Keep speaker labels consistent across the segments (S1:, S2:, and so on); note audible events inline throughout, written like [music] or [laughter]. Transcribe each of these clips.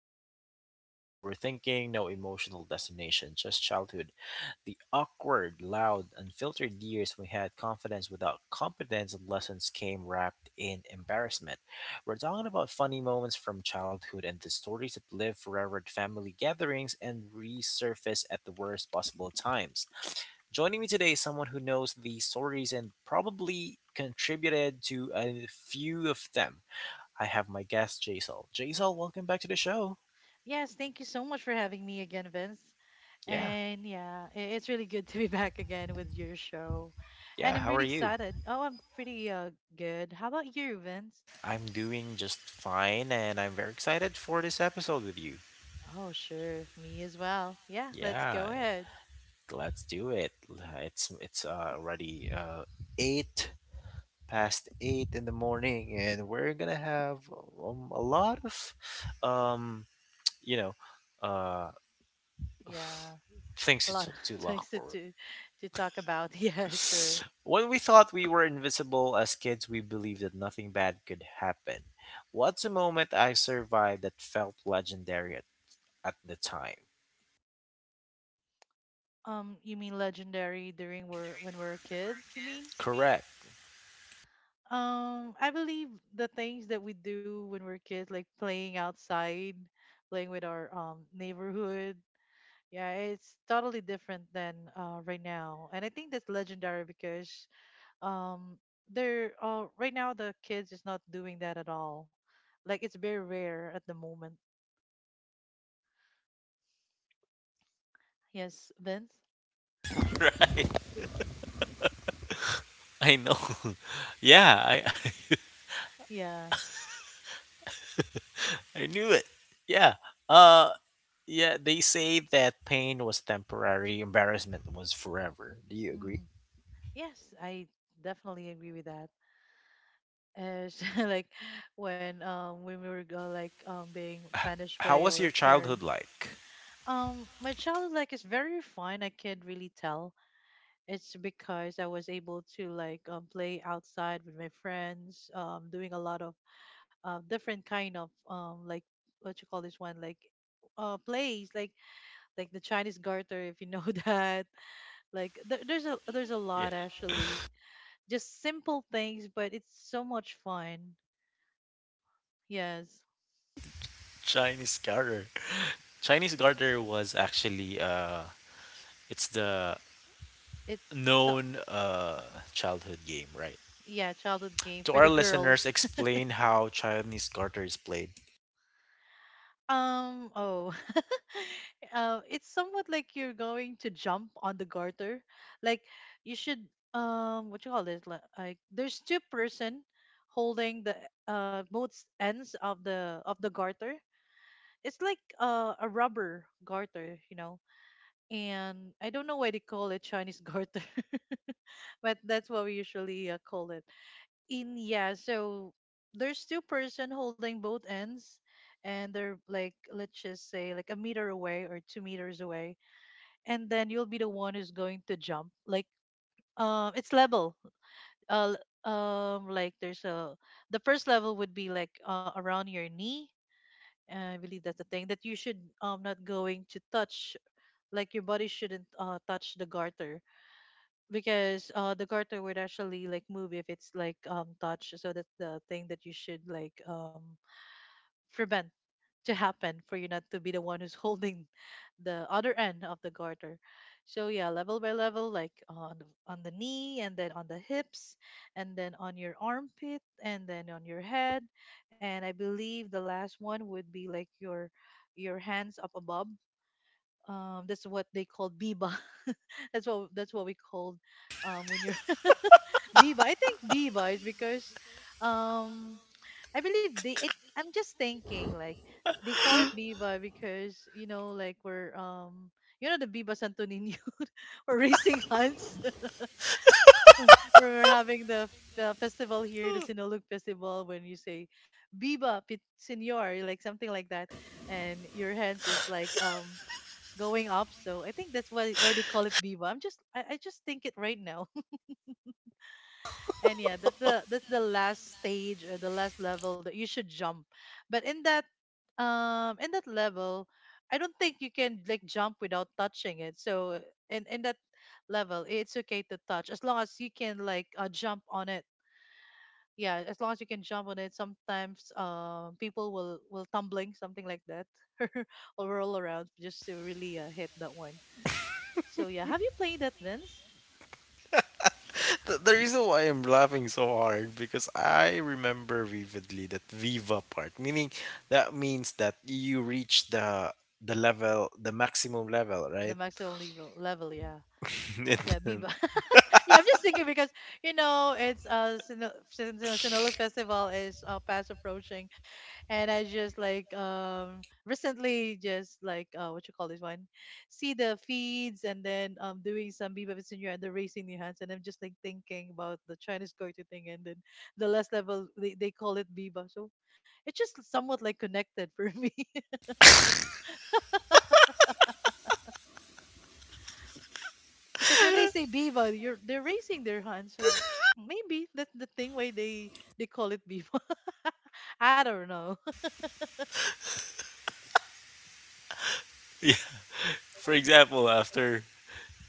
S1: joy, no deep overthinking, no emotional destination, just childhood. The awkward, loud, unfiltered years we had confidence without competence and lessons came wrapped in embarrassment. We're talking about funny moments from childhood and the stories that live forever at family gatherings and resurface at the worst possible times. Joining me today is someone who knows these stories and probably contributed to a few of them. I have my guest, Jaisal. Jaisal, welcome back to the show.
S2: Yes, thank you so much for having me again, Vince.
S1: Yeah,
S2: And yeah, it's really good [laughs] to be back again with your show.
S1: yeah,
S2: And I'm
S1: how are
S2: really
S1: you?
S2: excited. Oh, I'm pretty good. How about you, Vince?
S1: I'm doing just fine and I'm very excited for this episode with you.
S2: Oh, sure, me as well. Yeah, let's go
S1: Yeah,
S2: ahead.
S1: let's do it. It's already 8 past 8 in the morning and we're going to have a lot of um, you know, uh,
S2: Yeah,
S1: things
S2: a lot
S1: to,
S2: of
S1: to
S2: [laughs]
S1: look
S2: things
S1: forward.
S2: to talk about. [laughs] Yeah, sure.
S1: When we thought we were invisible as kids, we believed that nothing bad could happen. What's a moment I survived that felt legendary at the time?
S2: You mean legendary during we're when we're kids, you mean?
S1: Correct.
S2: I believe the things that we do when we're kids, like playing outside, playing with our neighborhood. Yeah, it's totally different than right now, and I think that's legendary because um, they're right now the kids is not doing that at all. Like it's very rare at the moment. Yes, Vince.
S1: I know. [laughs] Yeah, I
S2: Yeah.
S1: [laughs] I knew it. Yeah. Uh yeah, they say that pain was temporary, embarrassment was forever. Do you agree?
S2: Mm. Yes, I definitely agree with that. As [laughs] like when we were like being punished
S1: How
S2: by
S1: was
S2: our
S1: your childhood
S2: parents.
S1: like?
S2: My child like is very fine. I can't really tell. It's because I was able to like play outside with my friends, doing a lot of different kind of like what you call this one like plays like the Chinese garter, if you know [laughs] that. Like there's a
S1: Yeah,
S2: lot, actually, just simple things but it's so much fun. Yes,
S1: Chinese garter. Chinese garter was actually it's the
S2: it's so
S1: known
S2: uh,
S1: childhood game, right?
S2: yeah, childhood game
S1: To
S2: for
S1: our
S2: the
S1: listeners,
S2: girls.
S1: explain how Chinese garter is played.
S2: Oh. [laughs] It's somewhat like you're going to jump on the garter. Like you should what you call this? Like there's two-person holding the both ends of the garter. It's like a rubber garter, you know. And I don't know why they call it Chinese garter, [laughs] but that's what we usually call it in, yeah. So there's two-person holding both ends, and they're like, let's just say like a meter away or 2 meters away, and then you'll be the one who's going to jump like it's level uh l- like there's a, the first level would be like around your knee, and I believe that's the thing that you should not going to touch. Like your body shouldn't touch the garter, because the garter would actually like move if it's like touched. So that's the thing that you should like prevent to happen, for you not to be the one who's [laughs] holding the other end of the garter. So yeah, level by level, like on on the knee, and then on the hips, and then on your armpit, and then on your head. And I believe the last one would be like your hands up above. That's what they call biba. [laughs] That's what, that's what we called when you're be wise. I think be wise because um I believe they it I'm just thinking like they call it Biba because, you know, like we're you know, the Biba Santo Niño [laughs] or racing hunts. [laughs] We're having the festival here, the Sinulog festival, when you say Biba pit senor, like something like that, and your hands is like going up. So I think that's why they call it Biba. I'm just I just think it right now. And yeah, that's the last stage or the last level that you should jump. But in that level, I don't think you can like jump without touching it. So in that level, it's okay to touch, as long as you can like jump on it. Yeah, as long as you can jump on it. Sometimes people will tumbling something like that, [laughs] or roll around, just to really hit that one. So yeah, have you played that, Vince?
S1: The reason why I'm laughing so hard because I remember vividly that Viva part, meaning that means that you reach the level, the maximum level,
S2: The
S1: right?
S2: maximum level, level, yeah.
S1: [laughs] And
S2: Yeah,
S1: then-
S2: biba. [laughs] Yeah, I'm just thinking because, you know, it's Sinulog Festival is fast approaching, and I just like recently just like what you call this one, see the feeds, and then doing some Viva Vicinio and the raising the hands, and I'm just like thinking about the Chinese goito thing, and then the last level they call it Viva. So it's just somewhat like connected for me, [laughs] because when they say Viva, you're they're raising their hands. So maybe that's the thing why they call it Viva. [laughs] I don't know.
S1: yeah, for example, after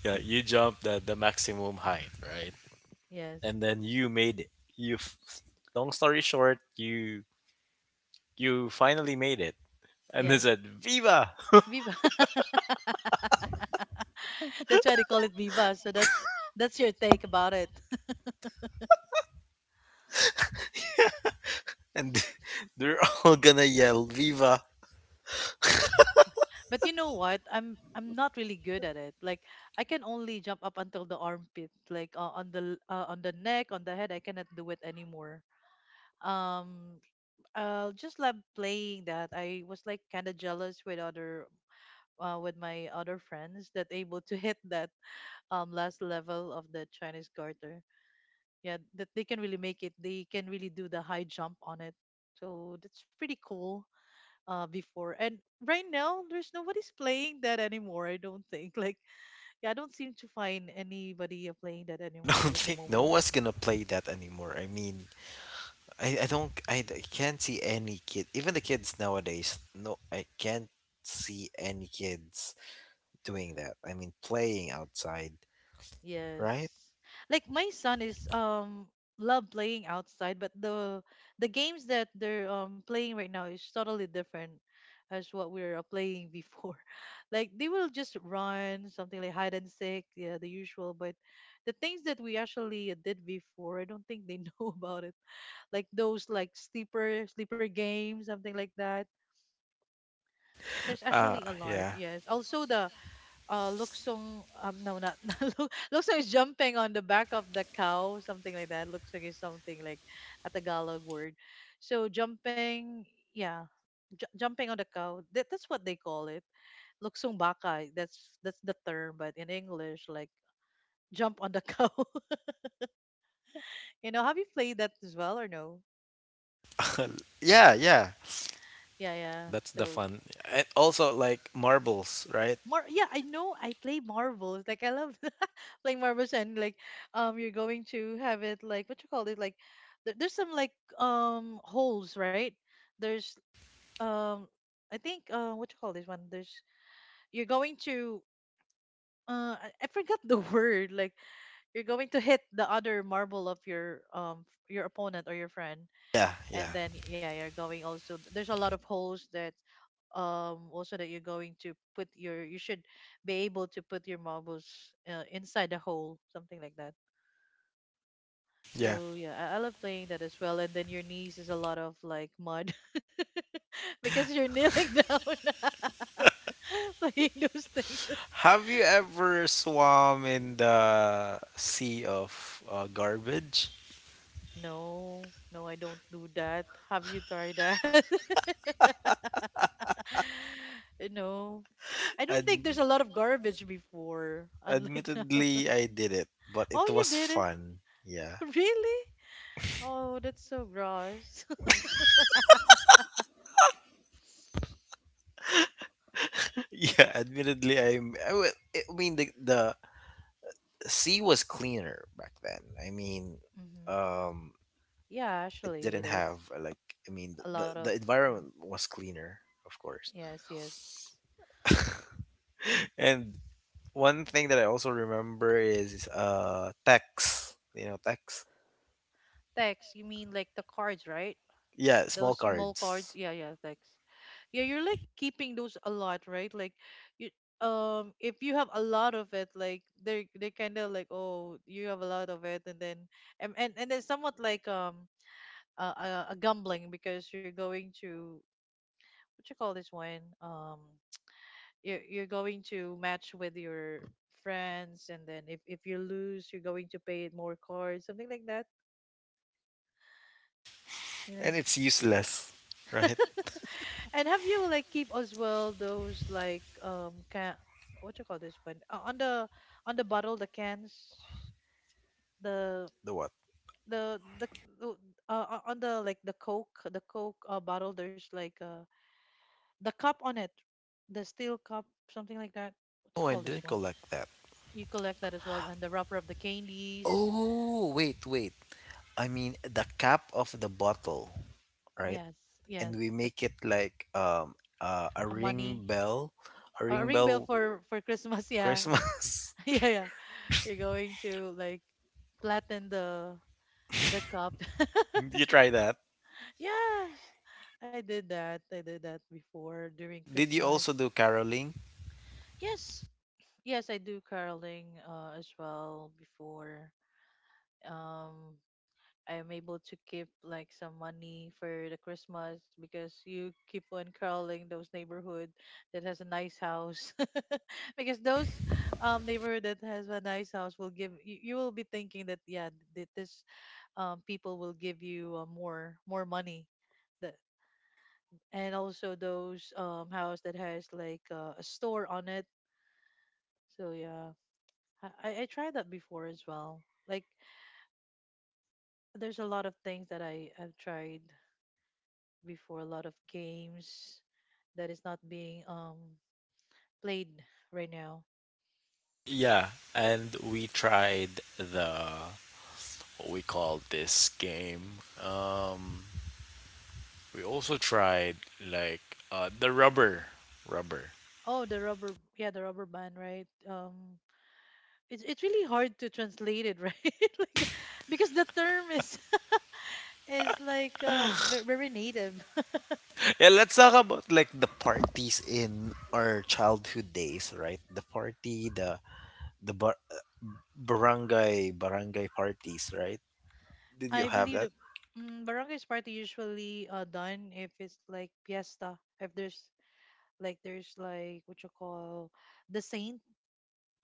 S1: yeah, you jump the maximum height, right?
S2: Yes.
S1: And then you made it. You, f- Long story short, you finally made it. And they
S2: Yes.
S1: said viva,
S2: Viva. [laughs] That's why they call it Viva. So that's your take about it. [laughs]
S1: and [laughs] they're all gonna yell viva.
S2: But you know what? I'm not really good at it. Like I can only jump up until the armpit. Like on the neck, on the head, I cannot do it anymore. Um I'll just love playing that. I was like kind of jealous with other with my other friends that able to hit that last level of the Chinese garter. Yeah, that they can really make it, they can really do the high jump on it. So that's pretty cool before. And right now there's nobody's playing that anymore, I don't think, like, yeah, I don't seem to find anybody playing that
S1: [laughs] I
S2: anymore
S1: don't
S2: at the
S1: think no
S2: moment.
S1: one's gonna play that anymore, I mean, I don't I can't see any kid, even the kids nowadays. No, I can't see any kids doing that, I mean, playing outside,
S2: Yes.
S1: right?
S2: Like my son is love playing outside, but the games that they're playing right now is totally different as what we were playing before. [laughs] Like they will just run, something like hide and seek, yeah, the usual, but the things that we actually did before, I don't think they [laughs] know about it. Like those like sleeper games, something like that. There's
S1: uh
S2: actually a lot.
S1: yeah
S2: Yes. Also the Luksong no, not [laughs] Luksong is jumping on the back of the cow, something like that. Luksong is something like a Tagalog word, so jumping, yeah, jumping on the cow, that's what they call it. Luksong baka, that's the term, but in English like jump on the cow. [laughs] You know, have you played that as well or no?
S1: yeah yeah,
S2: Yeah, yeah.
S1: that's the
S2: So
S1: fun. And also like marbles, right?
S2: Mar yeah, I know I play marbles. Like I love [laughs] playing marbles, and like you're going to have it like what you call it, like there's some like holes, right? There's um I think what you call this one? There's, you're going to I forgot the [laughs] word, like you're going to hit the other marble of your opponent or your friend.
S1: Yeah, yeah,
S2: And then yeah, you're going, also there's a lot of holes that also that you're going to put your, you should be able to put your marbles inside the hole, something like that.
S1: yeah.
S2: So yeah, I love playing that as well. And then your knees is a lot of like mud, [laughs] because you're kneeling down [laughs] playing those things. [laughs]
S1: Have you ever swam in the sea of garbage?
S2: No, no, I don't do that. Have you tried that? [laughs] No, I don't think
S1: Ad-
S2: there's a lot of garbage before, unlike now.
S1: admittedly, I did it, but
S2: [laughs] Oh,
S1: it
S2: you
S1: was
S2: did it.
S1: fun. Yeah,
S2: [laughs] Really. Oh, that's so gross.
S1: [laughs] yeah. Admittedly, I'm. I, wa- I mean, the sea was cleaner back then. I mean,
S2: [laughs] Hmm.
S1: um,
S2: Yeah,
S1: it
S2: actually,
S1: didn't
S2: it is.
S1: have I mean,
S2: A lot of.
S1: the environment was cleaner, of course.
S2: Yes, yes.
S1: And one thing that I also remember is text. You know, text.
S2: Text, you mean like the cards, right?
S1: Yeah, small
S2: Those small cards.
S1: cards,
S2: Yeah, yeah, text. Yeah, you're like keeping those a lot, right? Like, you. If you have a lot of it, like they're they kind of like, oh, you have a lot of it, and then and then somewhat like a, a, a gambling, because you're going to what you call this one, um you're going to match with your friends, and then if you lose you're going to pay more cards, something like that, you know.
S1: and it's useless, right? [laughs]
S2: [laughs] And have you like keep as well those like can, what you call this one, on the, on the bottle, the cans, the
S1: The what?
S2: the, the- on the like the coke bottle, there's like the cup on it, the steel cup, something like that, what you
S1: Oh, I
S2: call this
S1: didn't
S2: one.
S1: collect that.
S2: You collect that as well, and the wrapper of the candies.
S1: Oh, wait, wait. I mean the cap of the bottle, right?
S2: Yes,
S1: And
S2: yes,
S1: we
S2: the c-
S1: make it like uh, a
S2: a money
S1: ring bell, a
S2: or a
S1: ring
S2: ring bell
S1: bell
S2: for Christmas. Yeah,
S1: Christmas.
S2: [laughs] yeah, yeah. You're going to like flatten the cup.
S1: [laughs] You try that?
S2: [laughs] Yes, I did that. I did that before during
S1: Did you
S2: Christmas.
S1: also do caroling?
S2: Yes, yes, I do caroling as well before. Um, I'm able to keep like some money for the Christmas because you keep on crawling those neighborhood that has a nice house [laughs] because those neighborhood that has a nice house will give you, you will be thinking that yeah that this people will give you more money that, and also those house that has like a store on it, so yeah, I tried that before as well, like there's a lot of things that I have tried before, a lot of games that is not being played right now.
S1: Yeah, and we tried the what we call this game. We also tried like the rubber, rubber.
S2: Oh, the rubber, yeah, the rubber band, right? It's really hard to translate it, right? [laughs] like the, because the term is like very native.
S1: Yeah, let's talk about like the parties in our childhood days, right? The party, the the bar- barangay barangay parties, right? Did you
S2: I
S1: have
S2: believe
S1: that?
S2: the barangay's party usually done if it's like fiesta, if there's like there's like what you call the saint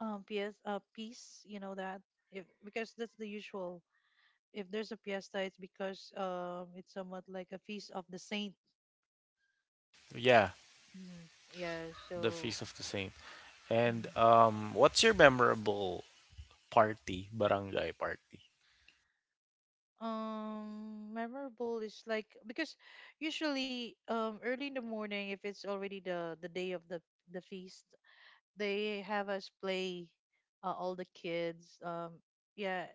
S2: PS piece, you know that if because that's the usual if there's a fiesta, it's because it's somewhat like a feast of the saint.
S1: Yeah,
S2: hmm Yeah,
S1: the
S2: so.
S1: Feast of the Saint. And
S2: Mhm.
S1: what's your memorable party, barangay party?
S2: Memorable is like because usually early in the morning, if it's already the day of the feast, they have us play all the kids, yeah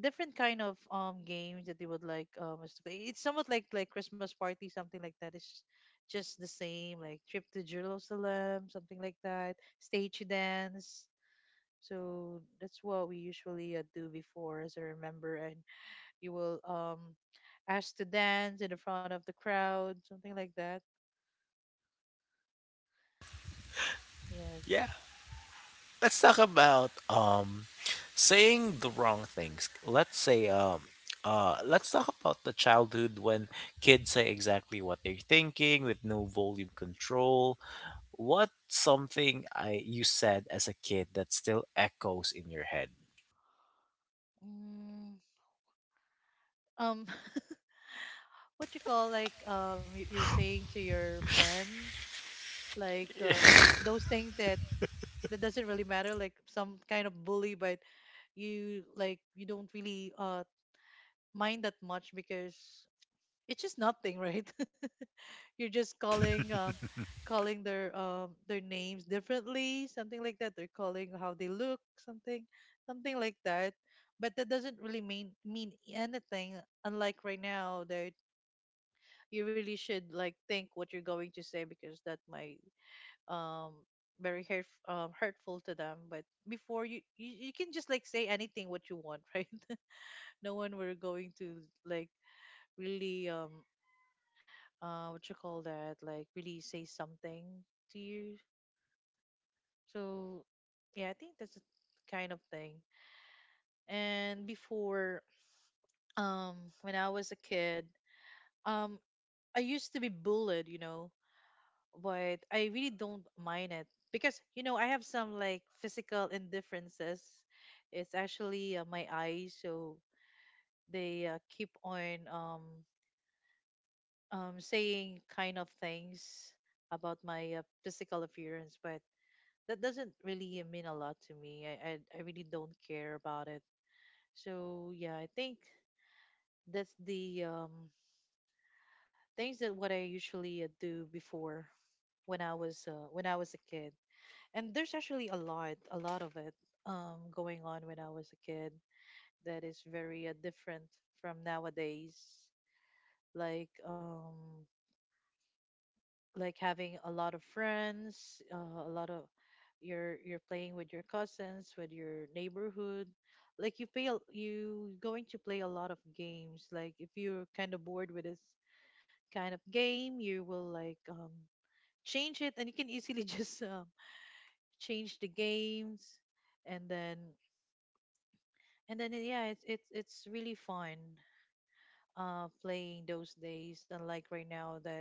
S2: different kind of games that they would like us to play. It's somewhat like Christmas party, something like that. It's just the same, like trip to Jerusalem, something like that. Stage dance. So that's what we usually do before, as I remember. And you will ask to dance in the front of the crowd, something like that. Yes.
S1: Let's talk about saying the wrong things. Let's say let's talk about the childhood when kids say exactly what they're thinking with no volume control. What something I you said as a kid that still echoes in your head?
S2: Mm, um, [laughs] what you call like you're saying to your friend like those things that that doesn't really matter, like some kind of bully, but you, like you don't really mind that much because it's just nothing, right? [laughs] You're just calling calling their names differently, something like that, they're calling how they look, something something like that, but that doesn't really mean anything, unlike right now, that you really should like think what you're going to say because that might um very hurt, hurtful to them. But before, you can just like say anything what you want, [laughs] right? No one were going to like really what you call that, like really say something to you. So yeah, I think that's the kind of thing. And before, um when I was a kid, um I used to be bullied, you know, but I really don't mind it, because you know I have some like physical indifferences. It's actually my eyes, so they keep on saying kind of things about my physical appearance, but that doesn't really mean a lot to me. I really don't care about it. So yeah, I think that's the things that what I usually do before when I was a kid. And there's actually a lot of it going on when I was a kid, that is very different from nowadays. Like like having a lot of friends, a lot of, you're playing with your cousins, with your neighborhood, like you play you going to play a lot of games. Like if you're kind of bored with this kind of game, you will like change it, and you can easily [laughs] just change the games. And then and then yeah, it's really fun playing those days, unlike right now that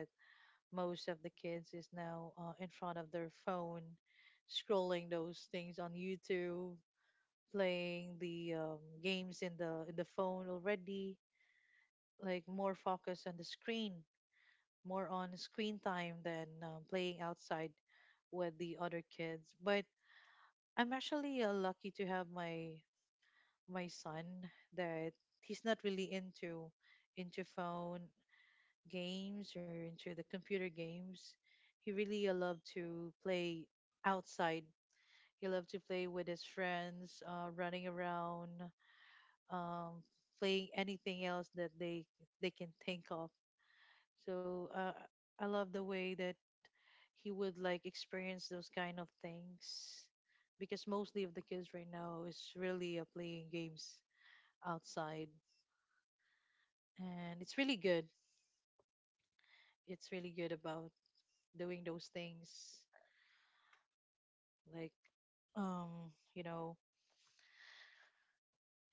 S2: most of the kids is now in front of their phone, scrolling those things on YouTube, playing the games in the phone already, like more focus on the screen, more on screen time than playing outside with the other kids. But I'm actually lucky to have my my son that, he's not really into phone games or into the computer games. He really loved to play outside. He loved to play with his friends, running around, um, playing anything else that they can think of. So I love the way that he would like experience those kind of things, because mostly of the kids right now is really playing games outside, and it's really good, it's really good about doing those things, like you know,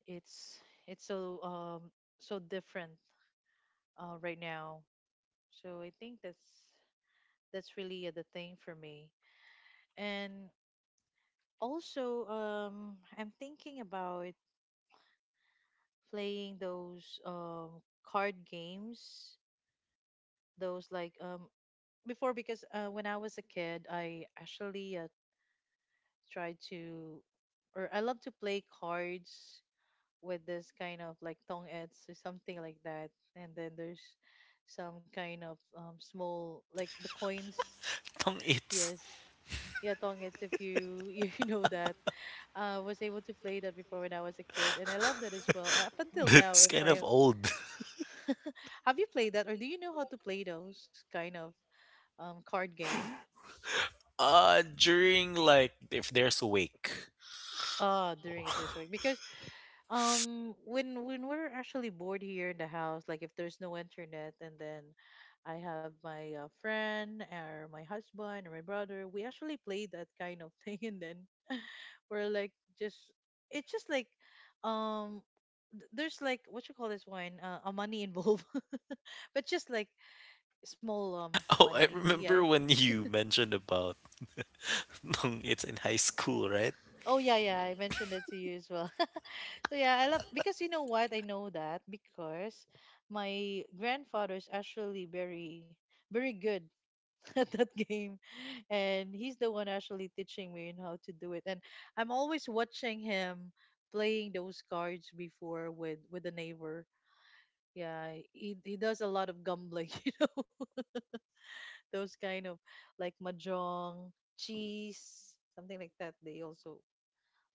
S2: it's it's so so different right now. So I think that's really the thing for me. And also I'm thinking about playing those card games, those like before, because when I was a kid I actually try to, or I love to play cards with this kind of like tong ets or something like that. And then there's some kind of small like the coins.
S1: Tong it's.
S2: Yes. Yeah, tong ets, if you [laughs] you know that. I was able to play that before when I was a kid and I love that as well. Up
S1: [laughs]
S2: until now
S1: It's
S2: if
S1: kind
S2: I,
S1: of old. [laughs]
S2: [laughs] have you played that, or do you know how to play those kind of card game?
S1: Uh, during like if there's a wake.
S2: Ah, during if there's
S1: [laughs]
S2: a week. Because when we're actually bored here in the house, like if there's no internet, and then I have my friend or my husband or my brother, we actually play that kind of thing, [laughs] and then we're like just, it's just like um there's like what you call this one, a money involved, [laughs] but just like small
S1: Oh, I
S2: money, yeah.
S1: remember when you mentioned about [laughs] nung it's in high school, right?
S2: Oh yeah, yeah. I mentioned it to you as well. [laughs] So yeah, I love, because you know what? I know that because my grandfather is actually very, very good [laughs] at that game, and he's the one actually teaching me on how to do it. And I'm always watching him playing those cards before with the neighbor. Yeah, he does a lot of gambling, [laughs] those kind of like mahjong, cheese, something like that. They also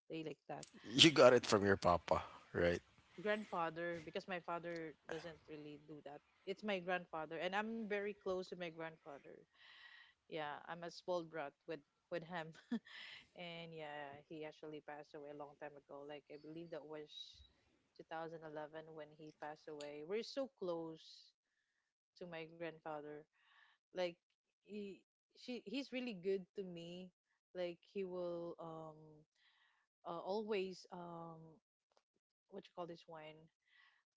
S2: play like that.
S1: You got it from your papa, right?
S2: Grandfather, because my father doesn't really do that. It's my grandfather, and I'm very close to my grandfather. Yeah, I'm a small brat with him, [laughs] and yeah, he actually passed away a long time ago. Like I believe that was 2011 when he passed away. We're so close to my grandfather. Like he, she, he's really good to me. Like he will always what you call this one,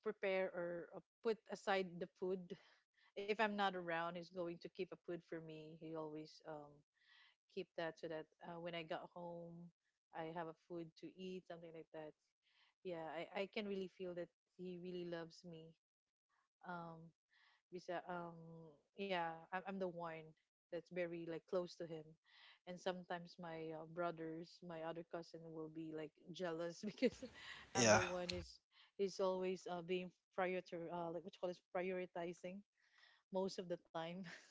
S2: prepare or put aside the food. If I'm not around, he's going to keep a food for me. He always keep that so that when I got home, I have a food to eat, something like that. Yeah, I can really feel that he really loves me. Um, Bisa, yeah, I'm the one that's very like close to him, and sometimes my brothers, my other cousin, will be like jealous [laughs] because I'm the one is always being prior to like what you call this, prioritizing most of the time. [laughs]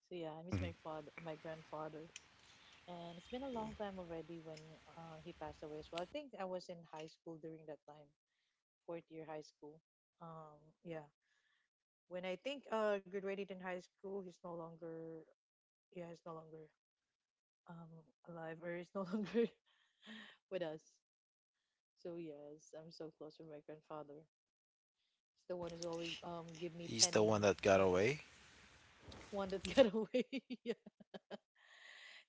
S2: So yeah, I miss
S1: Mhm.
S2: my father, my grandfather, and it's been a long time already when he passed away as well. I think I was in high school during that time, fourth year high school. Um, yeah, when I think graduated in high school, he's no longer, yeah, he's no longer alive, or he's no [laughs] longer with us. So yes, I'm so close with my grandfather. He's the one who's always give me
S1: He's the one
S2: penny.
S1: that got
S2: [laughs] Mhm.
S1: away.
S2: One that got away. [laughs] Yeah.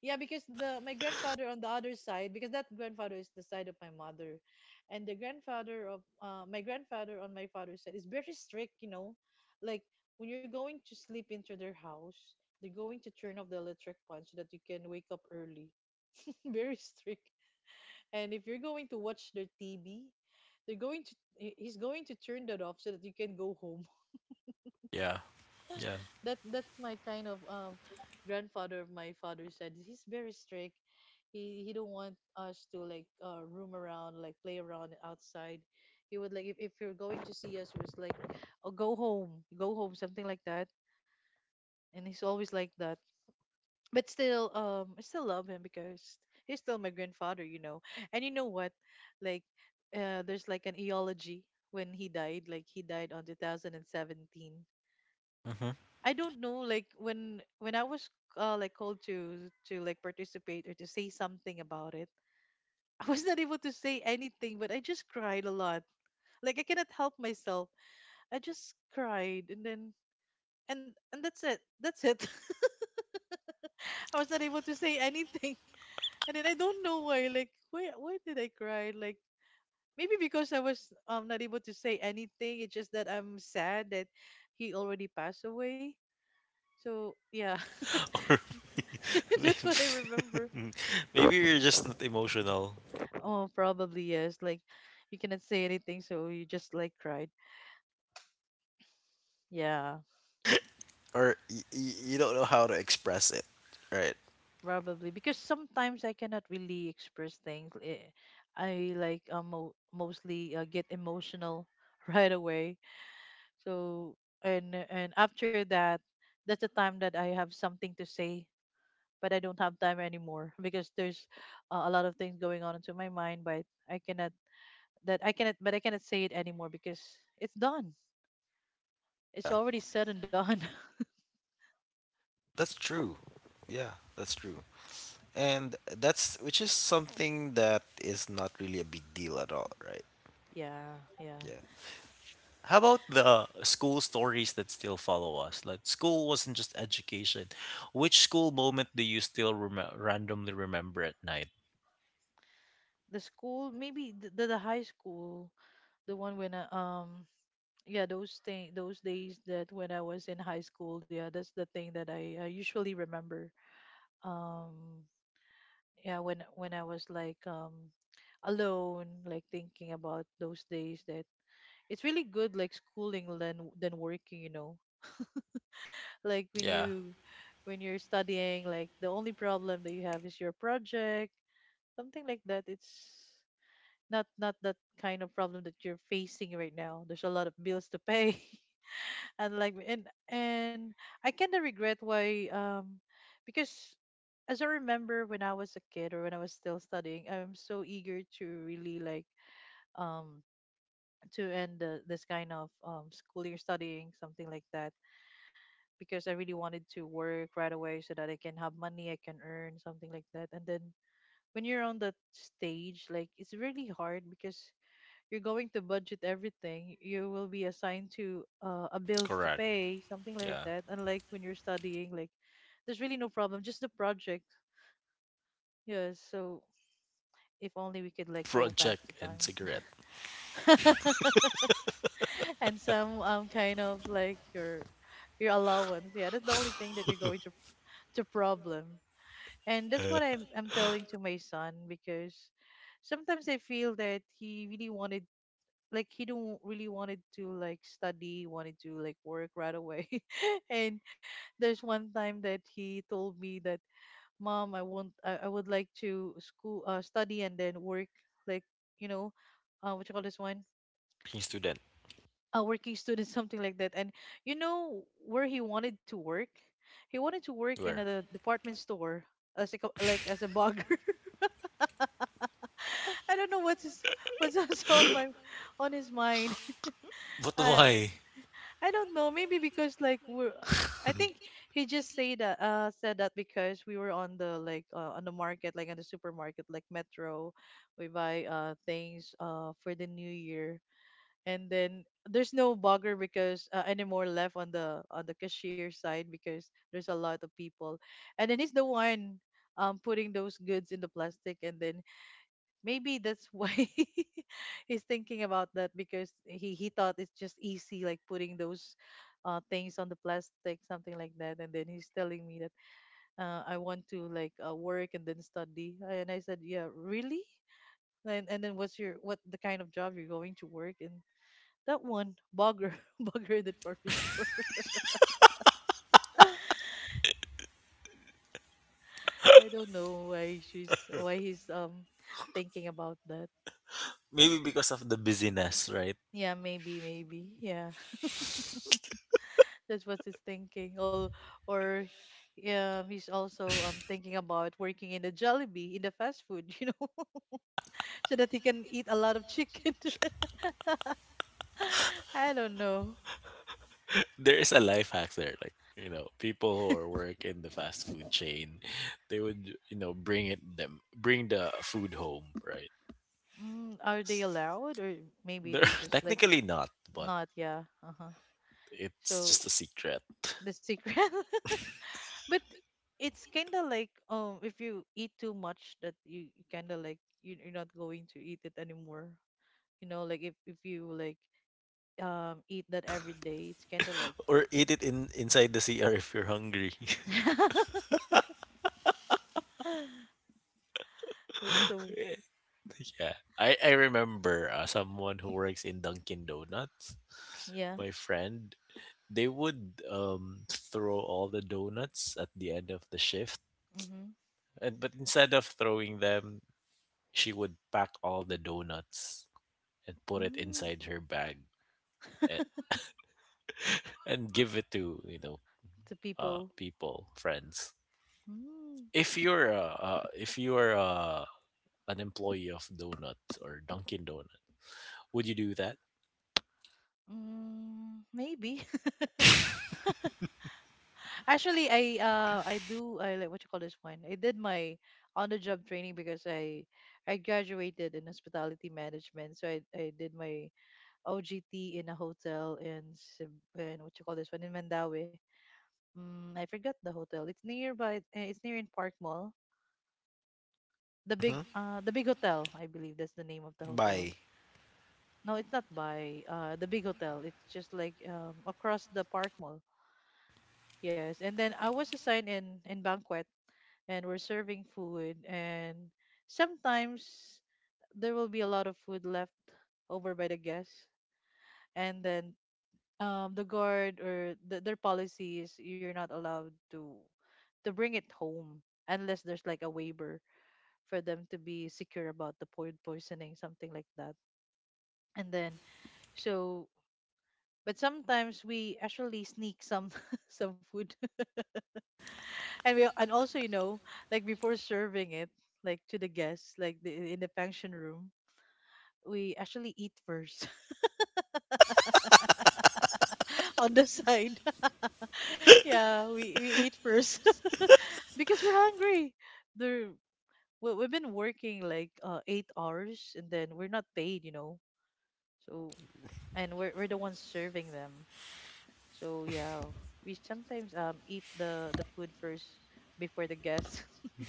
S2: Yeah, because the my grandfather on the other side, because that grandfather is the side of my mother, and the grandfather of my grandfather on my father's side is very strict, you know, like when you're going to sleep into their house, they're going to turn off the electric punch so that you can wake up early. [laughs] Very strict. And if you're going to watch their TV, they're going to he's going to turn that off so that you can go home.
S1: Yeah, yeah.
S2: That that's my kind of grandfather, my father said, he's very strict. He don't want us to like roam around, like play around outside. He would like if you're going to see us, he was like, oh, go home, go home, something like that. And he's always like that. But still I still love him, because he's still my grandfather, you know. And you know what, like there's like an eulogy, when he died, like he died on 2017.
S1: Hmm.
S2: I don't know like when I was like called to like participate or to say something about it. [laughs] I was not able to say anything, but I just cried a lot. Like I cannot help myself. I just cried, and then and that's it. That's it. [laughs] I was not able to say anything. [laughs] And then I don't know why, like why did I cry? Like maybe because I was not able to say anything. It's just that I'm sad that he already passed away. So yeah,
S1: [laughs] Or
S2: [laughs] that's what I remember.
S1: maybe, [laughs] maybe you're just not emotional.
S2: Oh, probably yes. Like you cannot say anything, so you just like cried. Yeah,
S1: Or you don't know how to express it, right?
S2: probably because sometimes I cannot really express things. I like mostly get emotional [laughs] right away. So and after that, that's the time that I have something to say, but I don't have time anymore [laughs] because there's a lot of things going on into my mind, but I cannot that I cannot but I cannot say it anymore because it's done. It's
S1: Yeah.
S2: already said and done. [laughs]
S1: That's true. Yeah, that's true. And that's which is something that is not really a big deal at all, right?
S2: Yeah, yeah.
S1: Yeah. How about the school stories that still follow us? Like school wasn't just education. Which school moment do you still randomly remember at night?
S2: The school, maybe the high school, the one when I, yeah, those days that when I was in high school. Yeah, that's the thing that I usually remember. um yeah, when I was like, alone, like thinking about those days. That It's really good, like schooling than working, you know, like when
S1: Yeah,
S2: you, when you're studying, like the only problem that you have is your project, something like that. It's not that kind of problem that you're facing right now. There's a lot of bills to pay, [laughs] and like and I kind of regret, why because as I remember when I was a kid or when I was still studying, I'm so eager to really, like, um to end this kind of school year, studying, something like that, because I really wanted to work right away so that I can have money, I can earn, something like that. And then when you're on that stage, like, it's really hard because you're going to budget everything. You will be assigned to a bills to
S1: correct.
S2: pay, something like
S1: Yeah.
S2: that. Unlike when you're studying, like there's really no problem, just the project. Yes. So if only we could, like, go back
S1: Project
S2: to
S1: and
S2: time
S1: cigarette. [laughs]
S2: [laughs] and some kind of like your allowance. Yeah, that's the only thing that you're going to problem. And that's
S1: Uh.
S2: what I'm telling to my son, because sometimes I feel that he really wanted, like he don't really wanted to, like, study, wanted to, like, work right away. [laughs] And there's one time that he told me that, mom, I would like to school, study and then work, like, you know, what you call this one,
S1: Working student.
S2: a working student, [laughs] something like that. And you know where he wanted to work? He wanted to work in
S1: Where?
S2: a department store as a, like, as a bugger. [laughs] I don't know what's [laughs] on my on his mind. [laughs]
S1: But
S2: I
S1: why?
S2: I don't know. Maybe because, like we're. I think he just say that said that because we were on the, like, on the market, like on the supermarket, like Metro. We buy things for the new year, and then there's no bugger because anymore left on the cashier side because there's a lot of people. And then he's the one putting those goods in the plastic, and then maybe that's why [laughs] he's thinking about that, because he thought it's just easy, like putting those things on the plastic, something like that. And then he's telling me that, I want to, like, work and then study. And I said, yeah, really? And then what's your, what the kind of job you're going to work? And that one, bugger, [laughs] bugger in the department store. [laughs] I don't know why she's, why he's thinking about that.
S1: Maybe because of the busyness, right?
S2: Yeah, maybe, maybe, yeah. That's what he's thinking. Or, he's also thinking about working in the Jollibee, in the fast food, [laughs] you know, so that he can eat a lot of chicken. [laughs] I don't know.
S1: There is a life hack there. Like, you know, people who are work in the fast food chain, they would, you know, bring the food home, right?
S2: Mm, are they allowed? Or maybe
S1: They're
S2: they
S1: [laughs]
S2: just, like,
S1: technically not, but
S2: not, yeah. Uh-huh.
S1: it's
S2: So
S1: just a secret.
S2: the secret. [laughs] But it's kind of like, if you eat too much, that you kind of, like, you, you're not going to eat it anymore. You know, like, if you, like, eat that every day, it's kind of like
S1: Or eat it in inside the CR if you're hungry.
S2: [laughs] [laughs] that's so.
S1: [laughs] Yeah. I remember someone who works in Dunkin' Donuts,
S2: Yeah.
S1: my friend, they would throw all the donuts at the end of the shift.
S2: Mm-hmm.
S1: And but instead of throwing them, she would pack all the donuts and put it
S2: Mm,
S1: inside her bag and, [laughs] and give it to, you know,
S2: to people.
S1: people, friends.
S2: Mm,
S1: If you are a, an employee of Donut or Dunkin' Donut, would you do that?
S2: mm, maybe. [laughs] Actually, I do I like, what you call this one, I did my on the job training because I graduated in hospitality management. So I did my OGT in a hotel in Cebu, in what you call this one, in Mandawi. Mm, I forgot the hotel. It's nearby. It's near in Park Mall. The big,
S1: Hmm.
S2: the big hotel. I believe that's the name of the hotel.
S1: Bye.
S2: No, it's not by the big hotel. It's just, like, across the park mall. Yes. And then I was assigned in banquet, and we're serving food, and sometimes there will be a lot of food left over by the guests. And then the guard, or the, their policy is you're not allowed to bring it home unless there's, like, a waiver for them to be secure about the food poisoning, something like that. And then, so, but sometimes we actually sneak some [laughs] some food, [laughs] and we, and also, you know, like before serving it, like, to the guests, like the, in the function room, we actually eat first [laughs] on the side. [laughs] Yeah, we eat first [laughs] because we're hungry. There we've been working like, eight hours, and then we're not paid, you know. So and we're the ones serving them. So yeah, we sometimes eat the food first before the guests. [laughs]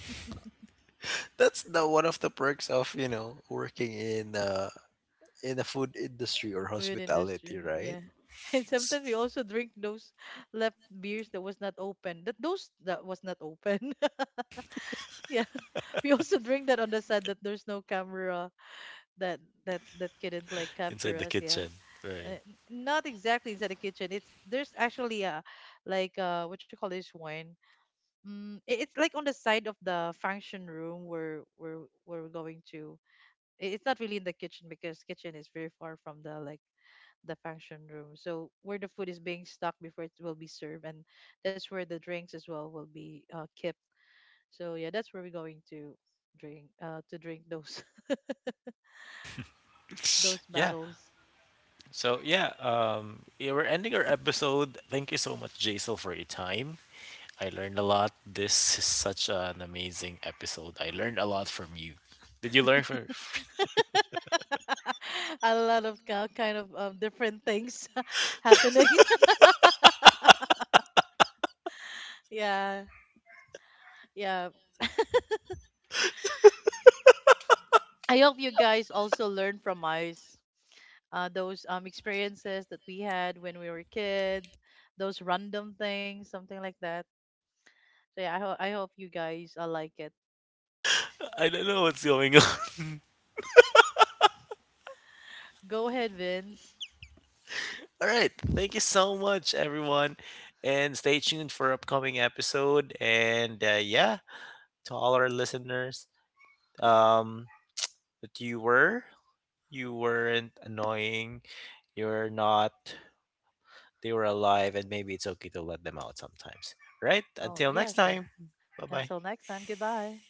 S1: That's the one of the perks of you know working in in the food industry or
S2: The food
S1: hospitality,
S2: industry,
S1: right?
S2: yeah. [laughs] And sometimes we also drink those left beers that was not open. That those that was not open. [laughs] Yeah. We also drink that on the side, that there's no camera that that couldn't, like, capture
S1: Inside the
S2: us, yeah.
S1: kitchen, right?
S2: Uh, not exactly inside the kitchen. It's there's actually a, like, what you call this one. Mm, it, it's like on the side of the function room where where we're going to. It, it's not really in the kitchen because kitchen is very far from, the like, the function room. So where the food is being stuck before it will be served, and that's where the drinks as well will be kept. So yeah, that's where we're going to drink, to drink those [laughs] those
S1: Yeah.
S2: battles.
S1: So yeah, yeah, we're ending our episode. Thank you so much, Jaisal, for your time. I learned a lot. This is such an amazing episode. I learned a lot from you. Did you learn from?
S2: [laughs] A lot of kind of different things [laughs] happening. [laughs] Yeah, yeah. I hope you guys also learn from us, those experiences that we had when we were kids, those random things, something like that. So yeah, I, I hope you guys like it.
S1: [laughs] I don't know what's going on.
S2: Go ahead, Vince.
S1: [laughs] All right. Thank you so much, everyone. And stay tuned for upcoming episode. And yeah, to all our listeners, um, that you were, you weren't annoying. You're not. They were alive, and maybe it's okay to let them out sometimes. Right.
S2: Oh,
S1: Until
S2: yeah,
S1: next
S2: sure.
S1: time. Bye bye.
S2: Until next time, goodbye.